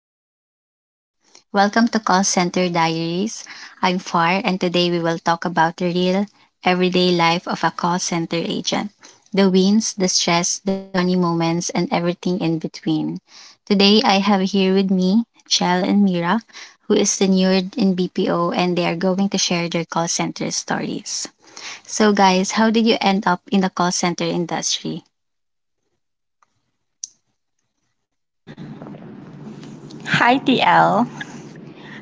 podcast is for you. Welcome to Call Center Diaries. I'm Far, and today we will talk about the real, everyday life of a call center agent, the wins, the stress, the funny moments, and everything in between. Today, I have here with me Chell and Mira, who is tenured in BPO, and they are going to share their call center stories. So, guys, how did you end up in the call center industry? Hi, TL.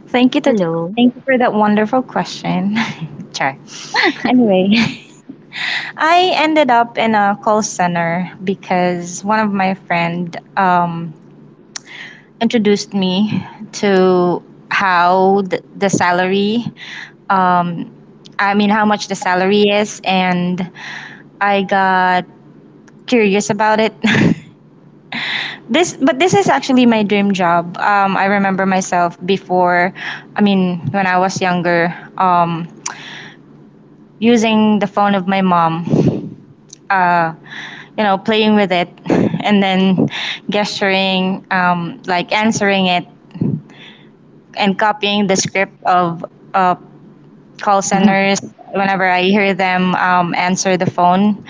Thank you to Hello. thank you for that wonderful question. Char. Anyway, I ended up in a call center because one of my friend um, introduced me to how the salary um, I mean how much the salary is, and I got curious about it. This is actually my dream job. I remember myself before, I mean when I was younger. Using the phone of my mom, uh, you know, playing with it, and then gesturing, like answering it, and copying the script of uh, call centers whenever I hear them answer the phone.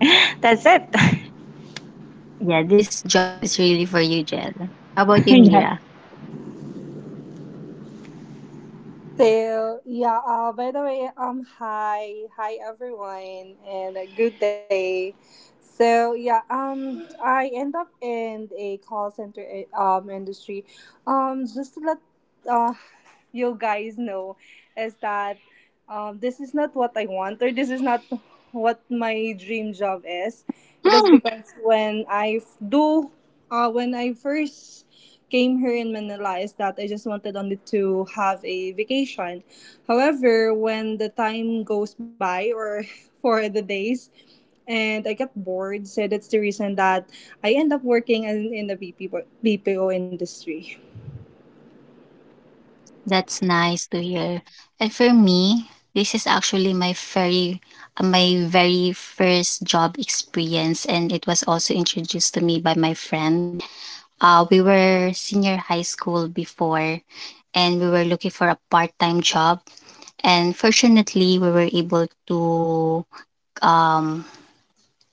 That's it. yeah, this job is really for you, Jel. How about you, Yeah. Mira? So yeah, by the way, hi everyone, and a good day. So yeah, I end up in a call center industry, just to let uh you guys know, is that this is not what I want, or this is not what my dream job is. It is Mm. because when I first came here in Manila, is that I just wanted only to have a vacation. However, when the time goes by or for the days, and I got bored, so that's the reason that I end up working in the BPO industry. That's nice to hear. And for me, this is actually my very my very first job experience, and it was also introduced to me by my friend. We were senior high school before, and we were looking for a part-time job, and fortunately we were able to um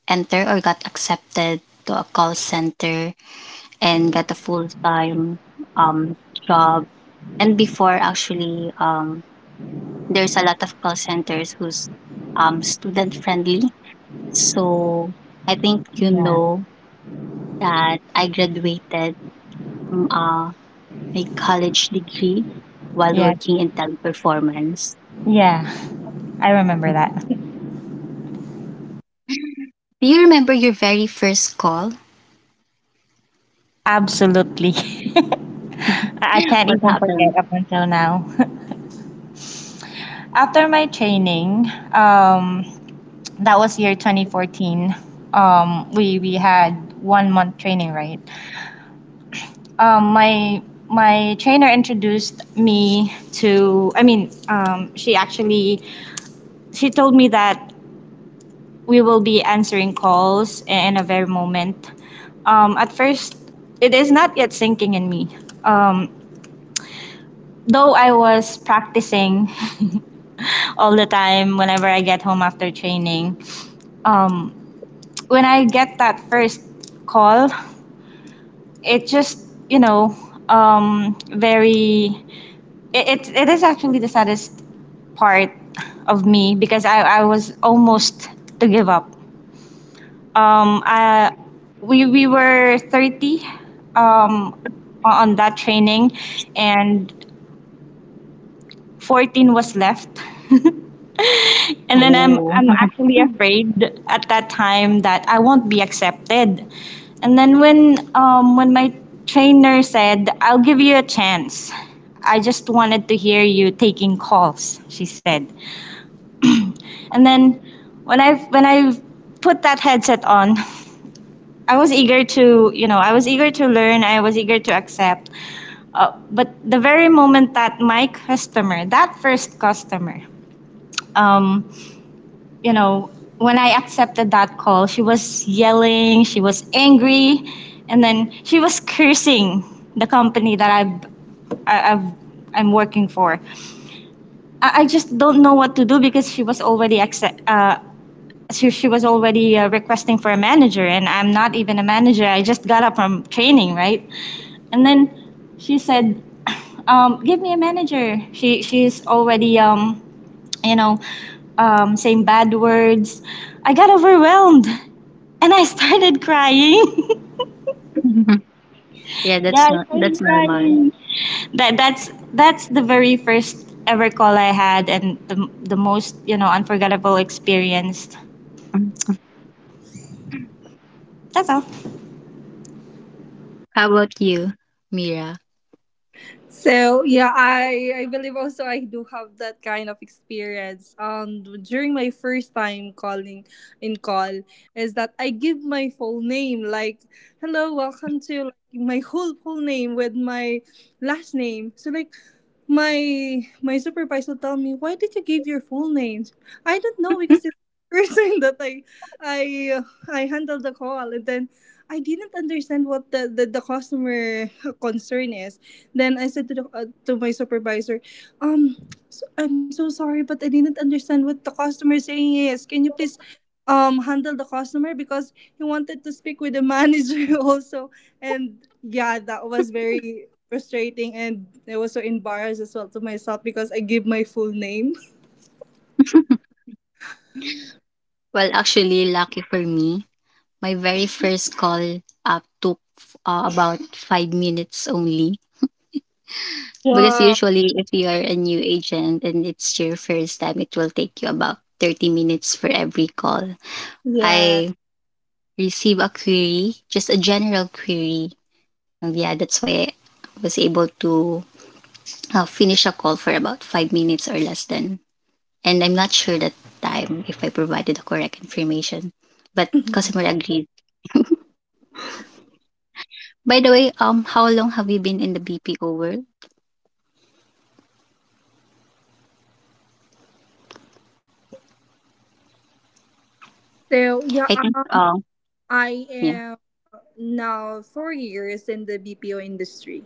enter or got accepted to a call center and got a full-time um, job. And before, actually, there's a lot of call centers who's student friendly. So I think, you yeah know, that I graduated from my college degree while yeah working in Teleperformance. Yeah. I remember Mhm. that. Do you remember your very first call? Absolutely. I can't what even forget happened? up until now. After my training, that was year 2014. We had 1 month training, right? Um, my my trainer introduced me to. I mean, she told me that we will be answering calls in a very moment. At first, it is not yet sinking in me. Um, though I was practicing all the time whenever I get home after training. When I get that first call, it just, you know, um, very, it is actually the saddest part of me because I was almost to give up. Um, I, we were 30, um, on that training, and 14 was left. And then I'm Oh. I'm actually afraid at that time that I won't be accepted. And then when my trainer said, "I'll give you a chance, I just wanted to hear you taking calls," she said. And then when I put that headset on, I was eager to, you know, I was eager to learn. I was eager to accept. But the very moment that my customer, that first customer, um, you know, when I accepted that call, she was yelling, she was angry, and then she was cursing the company that I- I've, I'm working for. I just don't know what to do because she was already she was already requesting for a manager, and I'm not even a manager. I just got up from training, right? And then she said, "Give me a manager." She she's already, you know, saying bad words. I got overwhelmed and I started crying. Yeah, that's Yeah, I not that's started normal. crying. That's the very first ever call I had, and the most, you know, unforgettable experience. Mm. That's all. How about you, Mira? So yeah, I believe also I do have that kind of experience. During my first time calling in call, is that I give my full name, like, hello, welcome to, like my whole full name with my last name. So like, my supervisor tell me, why did you give your full name? I don't know, because it's the first time that I uh, I handled the call, and then I didn't understand what the customer concern is. Then I said to to my supervisor, um, so, I'm so sorry, but I didn't understand what the customer saying is. Can you please handle the customer, because he wanted to speak with the manager also. And yeah, that was very frustrating, and I was so embarrassed as well to myself because I give my full name. Well, actually, lucky for me, my very first call up took about 5 minutes only. Because Wow. usually, if you are a new agent and it's your first time, it will take you about 30 minutes for every call. Yeah. I receive a query, just a general query. And yeah, that's why I was able to finish a call for about 5 minutes or less than. And I'm not sure that time if I provided the correct information, but customer agreed. By the way, how long have you been in the BPO world? So I yeah, think, um, I yeah, am now 4 years in the BPO industry.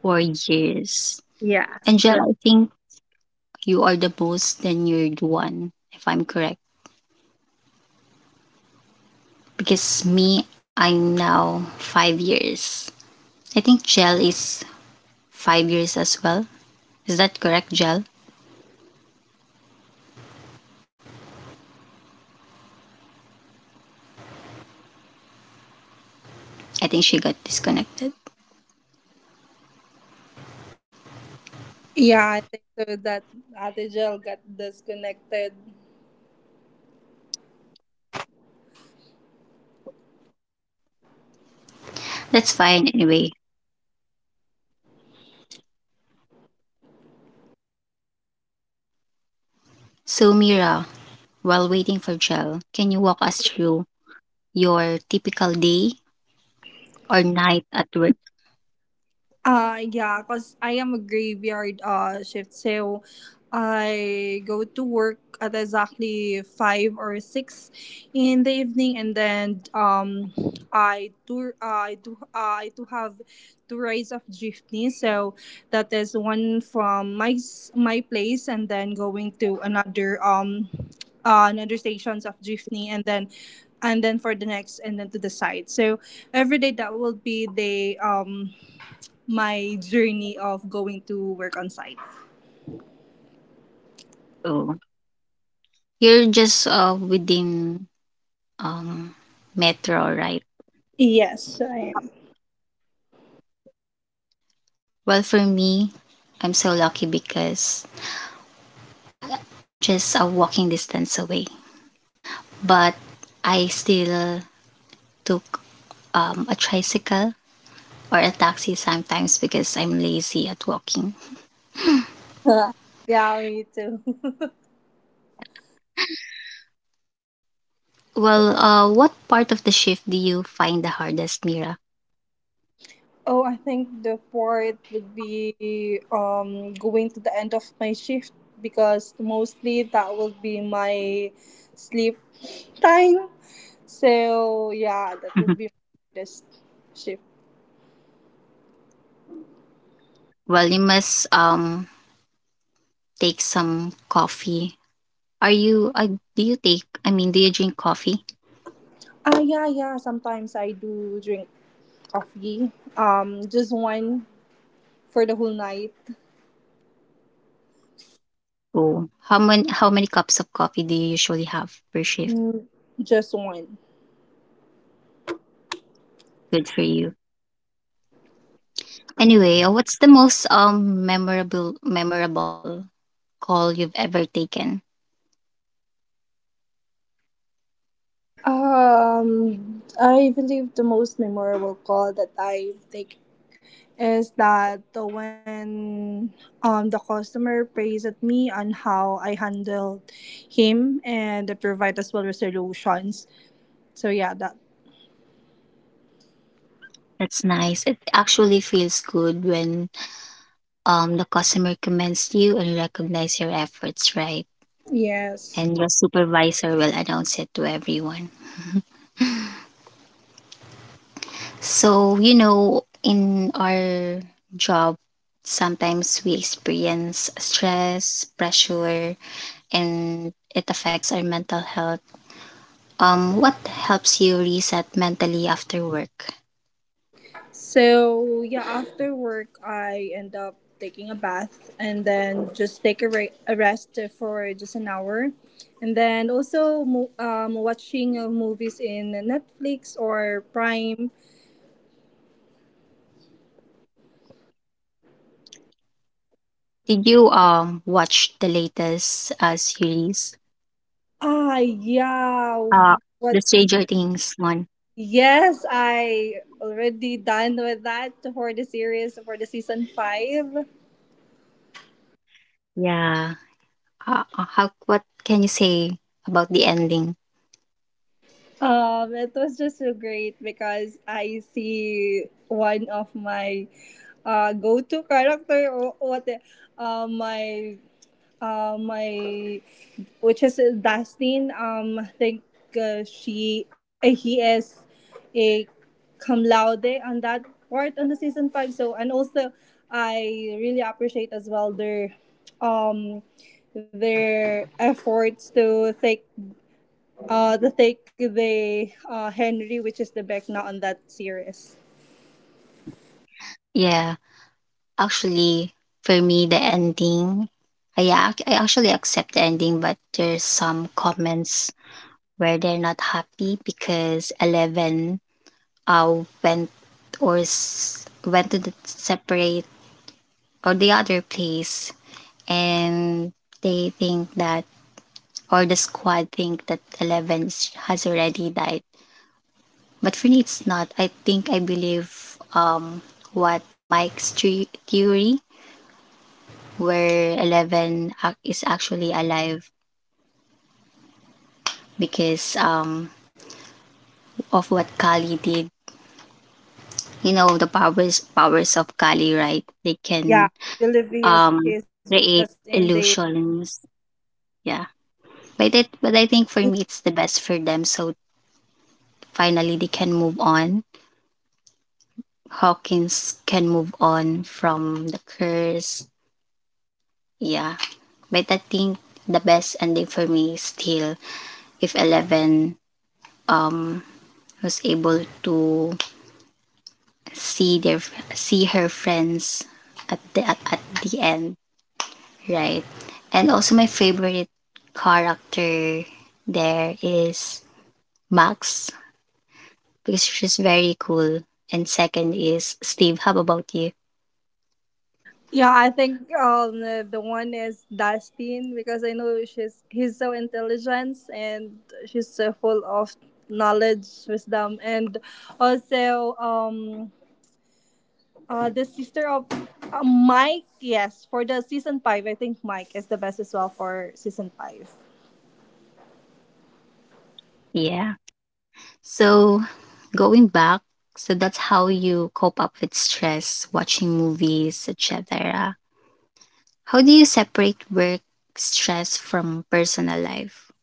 4 years. Yes. Angel, I think you are the most tenured one, if I'm correct. Because me, I'm now 5 years. I think Gel is 5 years as well. Is that correct, Gel? I think she got disconnected. Yeah, I think so that Adijal got disconnected. That's fine anyway. So, Mira, while waiting for Gel, can you walk us through your typical day or night at work? Yeah, cause I am a graveyard shift, so I go to work at exactly five or six in the evening, and then I do have two rides of jeepney, so that is one from my place, and then going to another another stations of jeepney, and then for the next and then to the side. So every day that will be the my journey of going to work on site. Oh, you're just within um, metro, right? Yes, I am. Well, for me, I'm so lucky because I'm just a walking distance away. But I still took a tricycle or a taxi sometimes because I'm lazy at walking. Yeah, me too. Well, what part of the shift do you find the hardest, Mira? Oh, I think the part would be going to the end of my shift, because mostly that will be my sleep time. So yeah, that would Mhm. be this shift. Well, you must take some coffee. Are you do you take, I mean, do you drink coffee? Yeah, yeah. Sometimes I do drink coffee. Just one for the whole night. Oh, how many cups of coffee do you usually have per shift? Just one. Good for you. Anyway, what's the most memorable memorable call you've ever taken? I believe the most memorable call that I think is that the when the customer praised at me on how I handled him, and I provide as well resolutions. So yeah, that. That's nice. It actually feels good when the customer commends you and recognize your efforts, right? Yes. And your supervisor will announce it to everyone. So, you know, in our job, sometimes we experience stress, pressure, and it affects our mental health. What helps you reset mentally after work? So yeah, after work I end up taking a bath, and then just take a rest for just an hour, and then also watching movies in Netflix or Prime. Did you watch the latest series? Yeah, Uh, what? the Stranger Things one. Yes, I already done with that for the series, for the season five. Yeah. How? What can you say about the ending? It was just so great, because I see one of my go-to character, or what the- my my which is Dustin. I think she he is a cum laude on that part on the season five. So, and also I really appreciate as well um their efforts to take the Henry, which is the Beck now on that series. Mm. Yeah, actually, for me, the ending, I actually accept the ending, but there's some comments where they're not happy because Eleven went went to the separate or the other place, and they think that, or the squad think that, 11 has already died. But for me, it's not. I think, I believe, what Mike's theory, where 11 is actually alive, because of what Kali did. You know, the powers, powers of Kali, right? They can Yeah, I believe he is. um He is just create in the. illusions. Yeah. But it but I think for me, it's the best for them. So finally they can move on. Hawkins can move on from the curse. Yeah. But I think the best ending for me is still if Eleven um was able to see their see her friends at the at the end, right? And also my favorite character there is Max, because she's very cool. And second is Steve. How about you? Yeah, I think the one is Dustin, because I know she's he's so intelligent, and she's so full of knowledge, wisdom, and also the sister of Mike. Yes, for the season five, I think Mike is the best as well for season five. Yeah. So, going back, so that's how you cope up with stress, watching movies, etc. How do you separate work stress from personal life?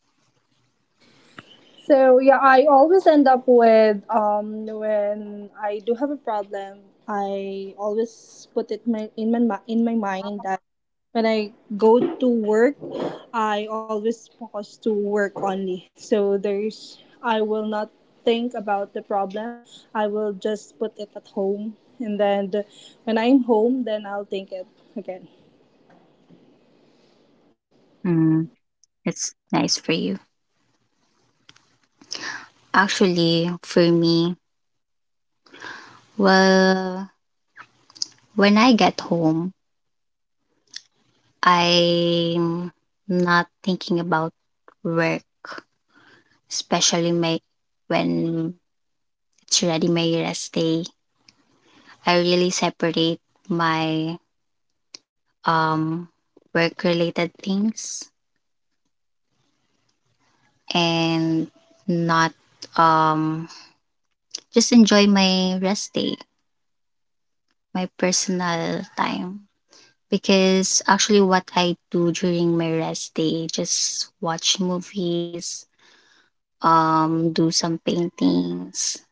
So yeah, I always end up with when I do have a problem, I always put it my, in my mi- in my mind that when I go to work, I always focus to work only. So there's I will not think about the problem. I will just put it at home, and then when I'm home, then I'll think it again. Mm, that's nice for you. Actually, for me, well, when I get home, I'm not thinking about work, especially my, when it's already my rest day. I really separate my um, work related things, and not um, just enjoy my rest day, my personal time. Because actually, what I do during my rest day, just watch movies, do some paintings,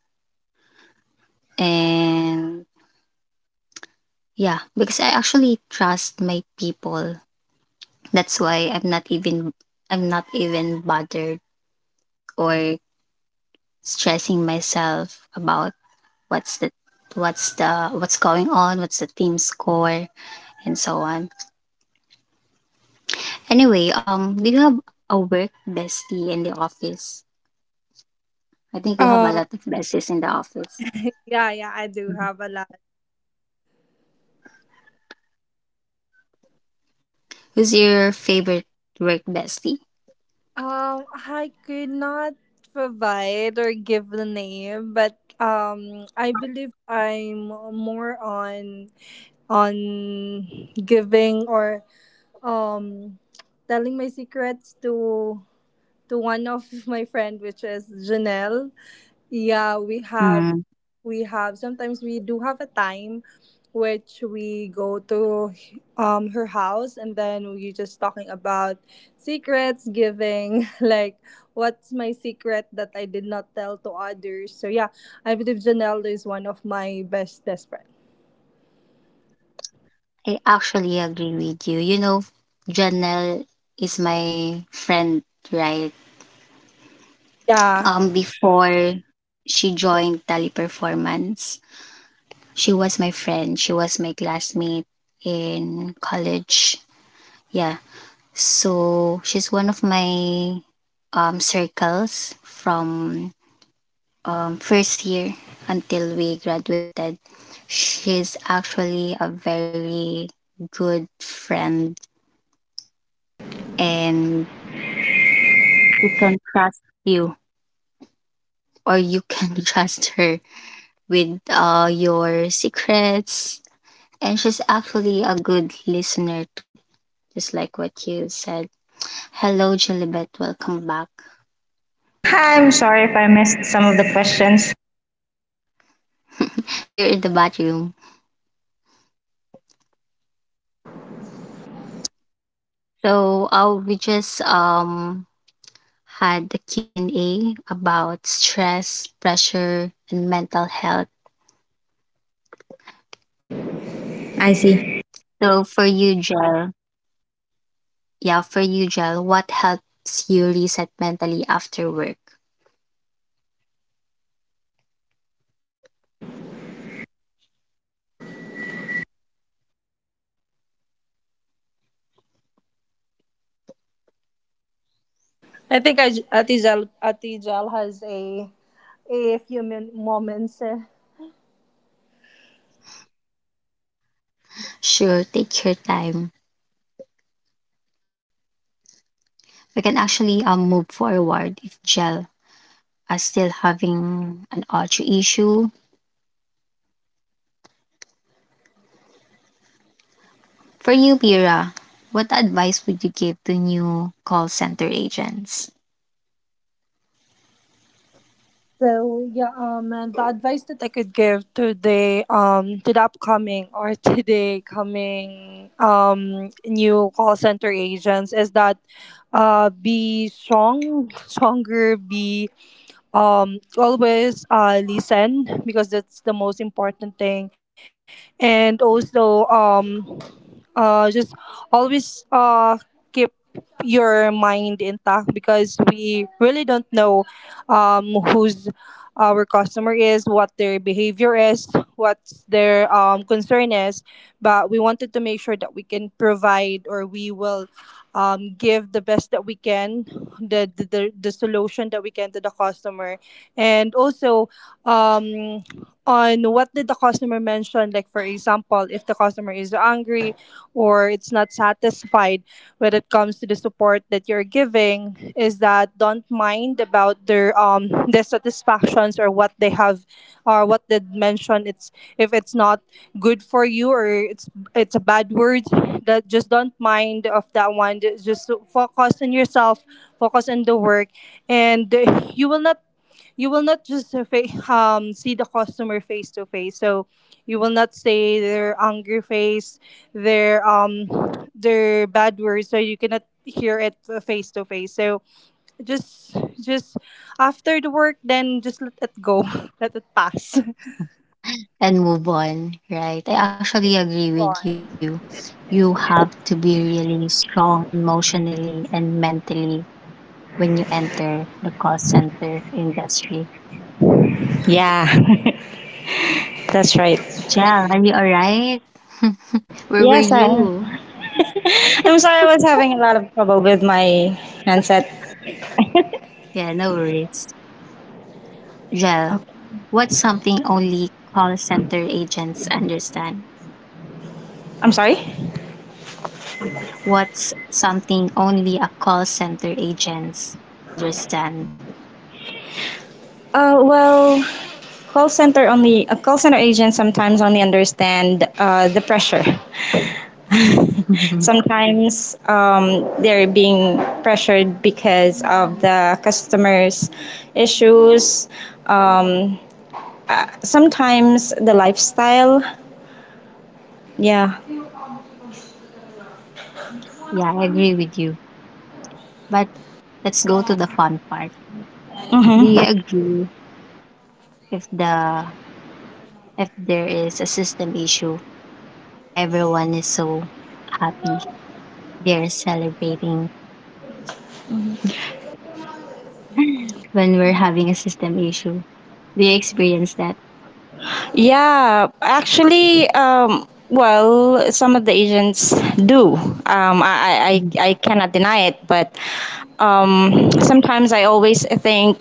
and yeah, because I actually trust my people. That's why I'm not even bothered or stressing myself about what's the what's going on, what's the team score, and so on. Anyway, do you have a work bestie in the office? I think you have a Uh, lot of besties in the office. yeah, yeah. I do have a lot. Who's your favorite work bestie? I could not provide or give the name, but I believe I'm more on giving, or um telling my secrets to one of my friend, which is Janelle. Yeah, Mm. we have sometimes we do have a time which we go to her house, and then we just talking about secrets giving like, what's my secret that I did not tell to others. So yeah, I believe Janelle is one of my best friends. I actually agree with you. You know, Janelle is my friend, right? Yeah, Before she joined Teleperformance, she was my friend, she was my classmate in college. Yeah. So she's one of my circles from first year until we graduated. She's actually a very good friend, and you can trust you or you can trust her with your secrets. And she's actually a good listener too, just like what you said. Hello, Julibet. Welcome back. Hi, I'm sorry if I missed some of the questions. You're in the bathroom. So we just had the Q and A about stress, pressure, and mental health. I see. So for yeah, for you, Jel, what helps you reset mentally after work? I think I Atijal Atijal has a few moments. Sure, take your time. We can actually move forward if Jel are still having an audio issue. For you, Bira, what advice would you give to new call center agents? So yeah, and the advice that I could give to the upcoming or to the coming new call center agents is that, be strong, stronger. Be always listen, because that's the most important thing, and also just always keep your mind intact, because we really don't know who's our customer is, what their behavior is, what their concern is. But we wanted to make sure that we can provide, or we will give the best that we can, the solution that we can to the customer. And also, um, on what did the customer mention, like for example, if the customer is angry or it's not satisfied, when it comes to the support that you're giving, is that don't mind about their dissatisfactions, or what they have, or what they mentioned. It's If it's not good for you, or it's a bad word, that just don't mind of that one. Just focus on yourself, focus on the work, and you will not you will not just see the customer face to face. So you will not say their angry face, their their bad words. So you cannot hear it face to face. So just after the work, then just let it go, let it pass. And move on, right? I actually Move agree with on. you. You have to be really strong emotionally and mentally when you enter the call center industry. Yeah, that's right. Jel, are you all right? Where were Yes, I am. you? I'm sorry I was having a lot of trouble with my handset. Yeah, no worries. Jel, Okay. what's something only call center agents understand? I'm sorry? What's something only a call center agents understand? Well, a call center agent sometimes only understand the pressure. yeah, Sometimes, they're being pressured because of the customers' issues. Um, sometimes the lifestyle. Yeah. I agree with you. But let's go to the fun part. Do Mm-hmm. you agree if the if there is a system issue, everyone is so happy. They're celebrating when we're having a system issue. Do you experience that? Yeah. Actually, well, some of the agents do. Um, I, I, I Mm. I cannot deny it, but sometimes I always think,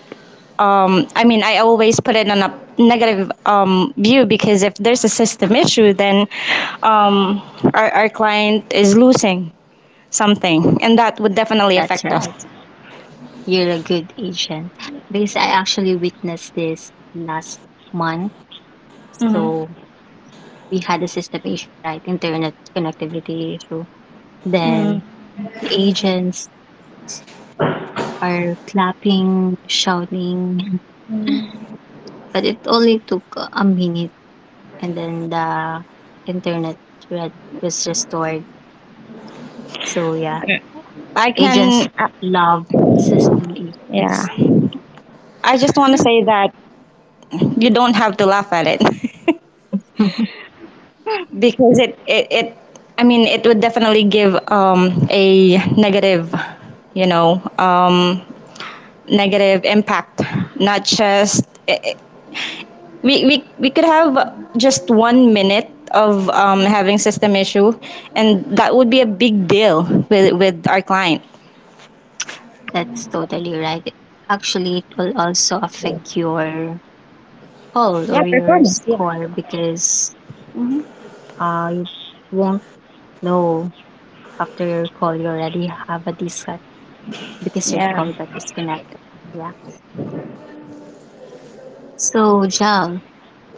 I mean, I always put it on a negative, view because if there's a system issue, then, um, our client is losing something, and that would definitely That's affect us. right. You're a good agent. Because I actually witnessed this last month. So we had a system issue, right? Internet connectivity issue. Hmm. Then the agents are clapping, shouting. But it only took a minute, and then the internet thread was restored. So yeah, I agents can, love system yeah. issues. I just want to say that you don't have to laugh at it because it I mean it would definitely give, a negative, you know, negative impact. Not just it, it- We could have just 1 minute of, having system issue, and that would be a big deal with our client. That's totally right. Actually, it will also affect your poll Yeah, or your performance, yeah. score because you won't know after your call you already have a disconnect because your Yeah, call got disconnected. Yeah. So, Jal,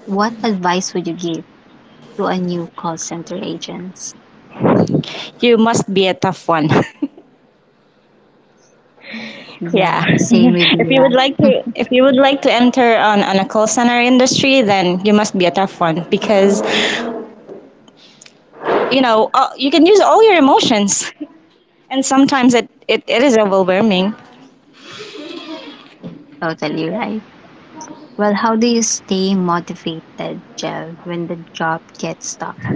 what advice would you give to a new call center agents? you must be a tough one. Yeah, Yeah. same with me. If you would like Yeah. to if you would like to enter on a call center industry, then you must be a tough one, because, you know, you can use all your emotions, and sometimes it is overwhelming. totally right. Well, how do you stay motivated, Jel, when the job gets tough?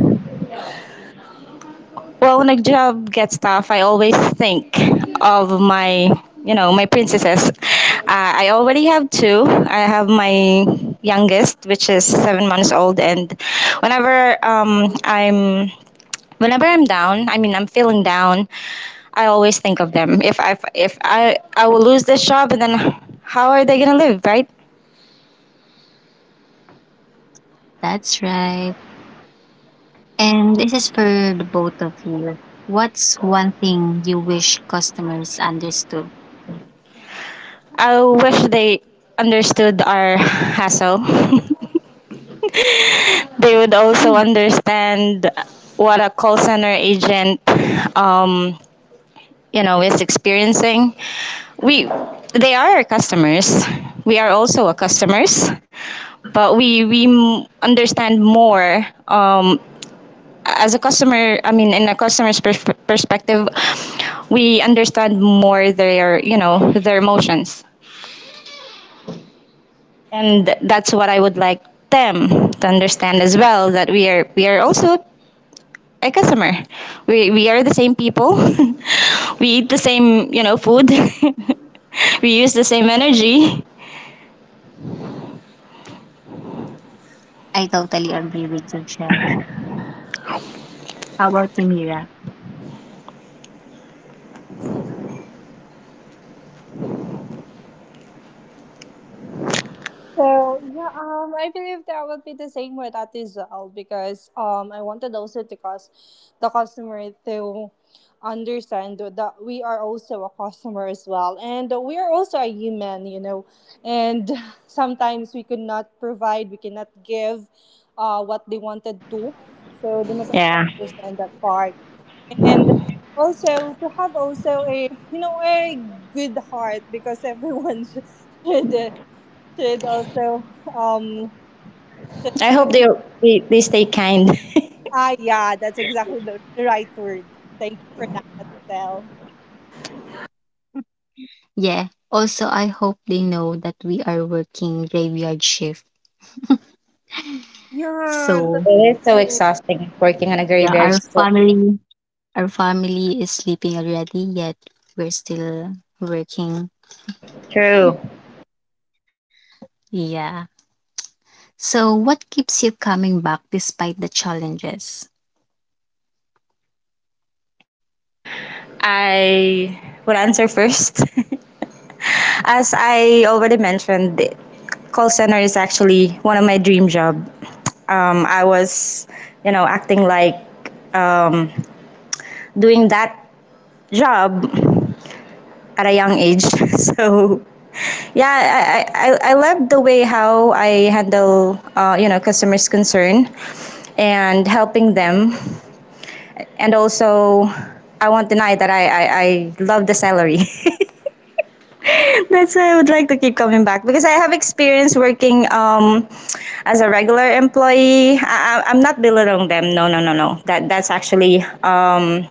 Well, when a job gets tough, I always think of my, you know, my princesses. I already have two. I have my youngest, which is 7 months old, and whenever um, I'm whenever I'm down, I mean I'm feeling down, I always think of them. If I will lose this job, and then how are they gonna live, right? That's right. And this is for the both of you. What's one thing you wish customers understood? I wish they understood our hassle. They would also Mm, understand what a call center agent, um, you know, is experiencing. We They are our customers. We are also our customers, but we m- understand more, as a customer, I mean, in a customer's pers- perspective, we understand more their, you know, their emotions, and that's what I would like them to understand as well. That we are also a customer. We are the same people. We eat the same, you know, food. We use the same energy. I totally agree with you, Jel. How about you, Mira? So yeah, I believe that will be the same with that as well, because I wanted also to cause the customer to understand that we are also a customer as well, and we are also a human, and sometimes we could not provide, we cannot give, what they wanted to, so they must also Yeah, understand that part, and also to have also a a good heart, because everyone should should also um should, I you know hope you, they stay kind. Yeah, that's exactly the right word. Thank you for that, Giselle. Yeah. Also, I hope they know that we are working graveyard shift. Yeah, Yeah, that's it, So, it is so true. exhausting working on a yeah, graveyard shift. Our family is sleeping already, yet we're still working. True. Yeah. So, what keeps you coming back despite the challenges? I will answer first. As I already mentioned, the call center is actually one of my dream job. I was, you know, acting like, um, doing that job at a young age. So yeah, I love the way how I handle, you know, customers' concern and helping them. And also, I won't deny that I love the salary. That's why I would like to keep coming back, because I have experience working, as a regular employee. I'm not belittling them. No, no, no, no. That's actually,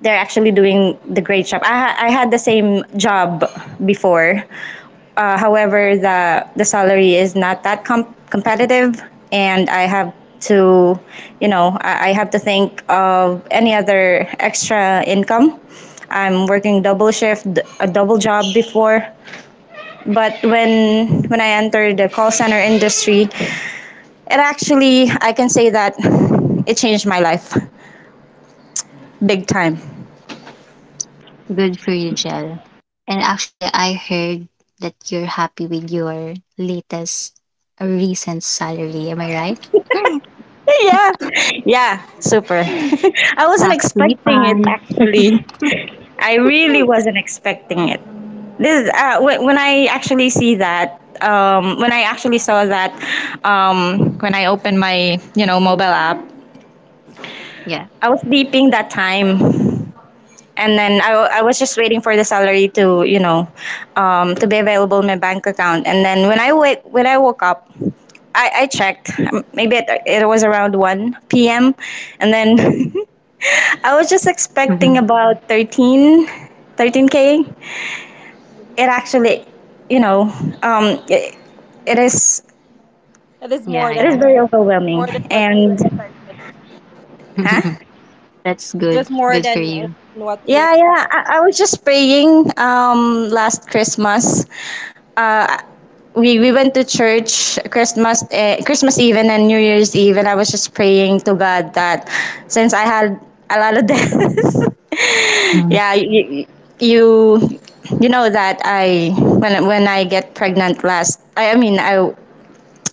they're actually doing the great job. I had the same job before. However, the salary is not that com- competitive, and I have to, you know, I have to think of any other extra income. I'm working double shift, a double job before, but when I entered the call center industry, it actually I can say that it changed my life big time. Good for you, Jel. And actually, I heard that you're happy with your latest recent salary. Am I right? Yeah. Yeah, super. I wasn't Tax expecting it refund. actually. I really wasn't expecting it. This wh- when I actually see that When I actually saw that, when I opened my, you know, mobile app, Yeah. I was sleeping that time. And then I was just waiting for the salary to, you know, to be available in my bank account. And then when I woke up, I checked, maybe it it was around 1 p.m. And then I was just expecting Mhm. about thirteen k. It actually, you know, um, it, it is It is more Yeah, it is yeah. very than more overwhelming, than what you and expected. huh. That's It was good. more Good than for you. what you Yeah, expected. yeah. I was just praying, um, last Christmas. Uh, we went to church Christmas, Christmas Eve and then New Year's Eve, and I was just praying to God that since I had a lot of debts Mhm. yeah, you you know that I when I get pregnant last,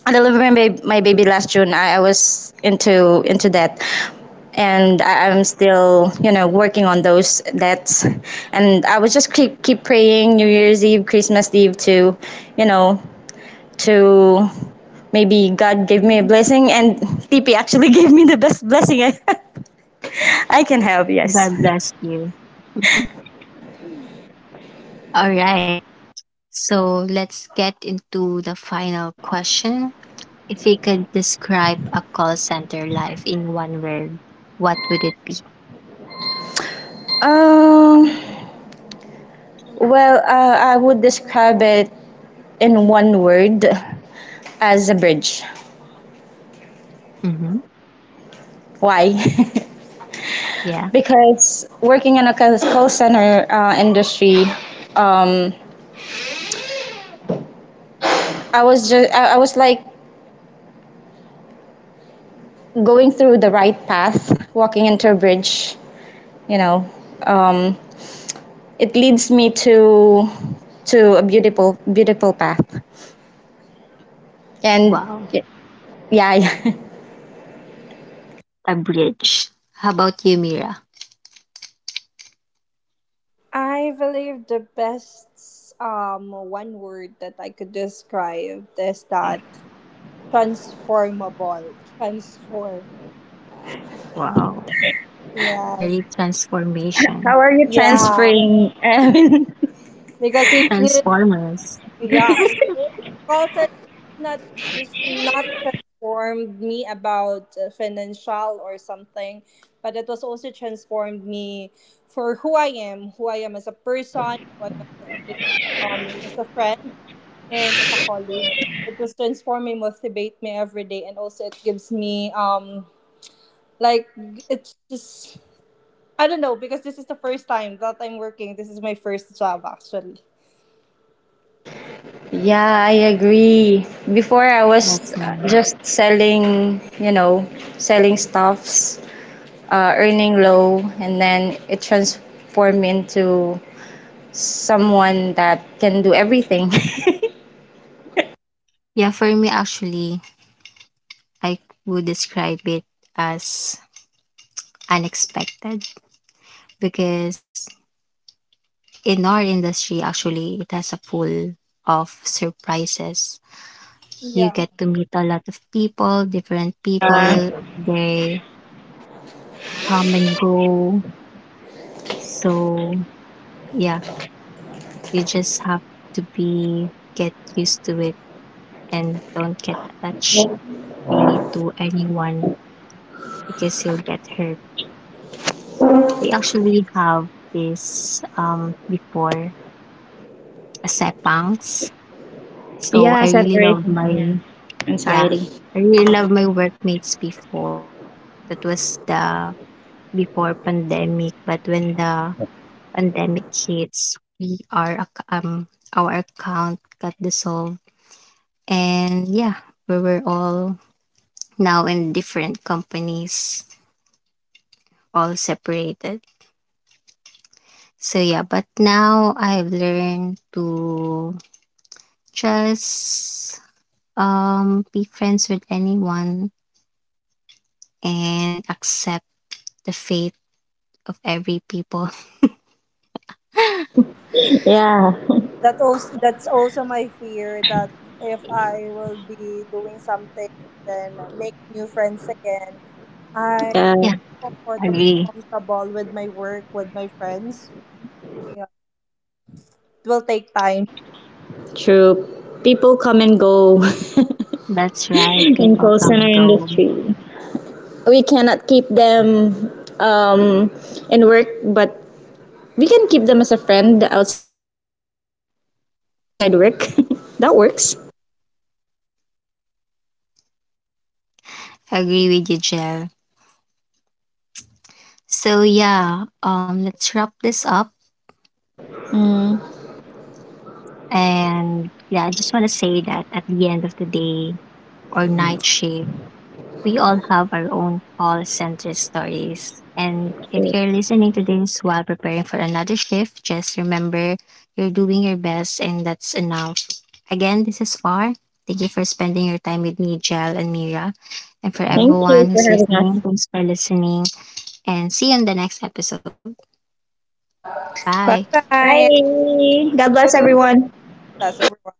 I delivered my, bab- my baby last June. I was into that, and I, I'm still, you know, working on those debts, and I would just keep praying New Year's Eve, Christmas Eve to, you know, to maybe God gave me a blessing, and TP actually gave me the best blessing I, I can have. Yes. God bless you. All right. So let's get into the final question. If you could describe a call center life in one word, what would it be? Um. Well, I would describe it in one word as a bridge. Hmm. Why? Yeah. Because working in a call center, industry, um, I was just I was like going through the right path, walking into a bridge. You know, um, it leads me to a beautiful path. And Wow. y- yeah, yeah. A bridge. How about you, Mira? I believe the best one word that I could describe is that transform. Wow. Yes. Very transformation. How are you Yeah, transferring? I mean, because it. Transformers. Yeah. Call center not just not transformed me about financial or something, but it was also transformed me for who I am as a person, who I am as a, a friend and as a colleague. It was transforming, motivate me every day, and also it gives me like, it's just, I don't know, because this is the first time that I'm working. This is my first job actually. yeah, I agree. Before I was, That's nice. just selling, you know, selling stuffs, earning low, and then it transformed into someone that can do everything. Yeah, for me, actually, I would describe it as unexpected. Because in our industry actually, it has a full of surprises. You Yeah. get to meet a lot of people, different Yeah. people, and they come and go. So yeah, you just have to be, get used to it, and don't get attached really to anyone, because you'll get hurt. We actually have this before, a sepangs. So Yeah, I really love separation. my, Yeah. yeah, Anxiety. I really love my workmates before. That was the before pandemic, but when the pandemic hits, um, our account got dissolved, and yeah, we were all now in different companies, all separated. So yeah, but now I've learned to just be friends with anyone, and accept the fate of every people. Yeah. That's also my fear, that if I will be doing something, then make new friends again. I'm Yeah. too much comfortable Agree. comfortable with my work, with my friends. Yeah. It will take time. True. People come and go That's right. in People call come center and go. industry. We cannot keep them, um, in work, but we can keep them as a friend outside work. That works. Agree with you, Jel. So yeah, let's wrap this up. Mm. And yeah, I just want to say that at the end of the day or night shift, we all have our own call center stories. And if you're listening to this while preparing for another shift, just remember you're doing your best and that's enough. Again, this is Far. Thank you for spending your time with me, Jel and Mira. And for Thank everyone you for who's having listening, us. thanks for listening. And see you in the next episode. Bye. Bye bye. Bye. God bless everyone. That's everyone.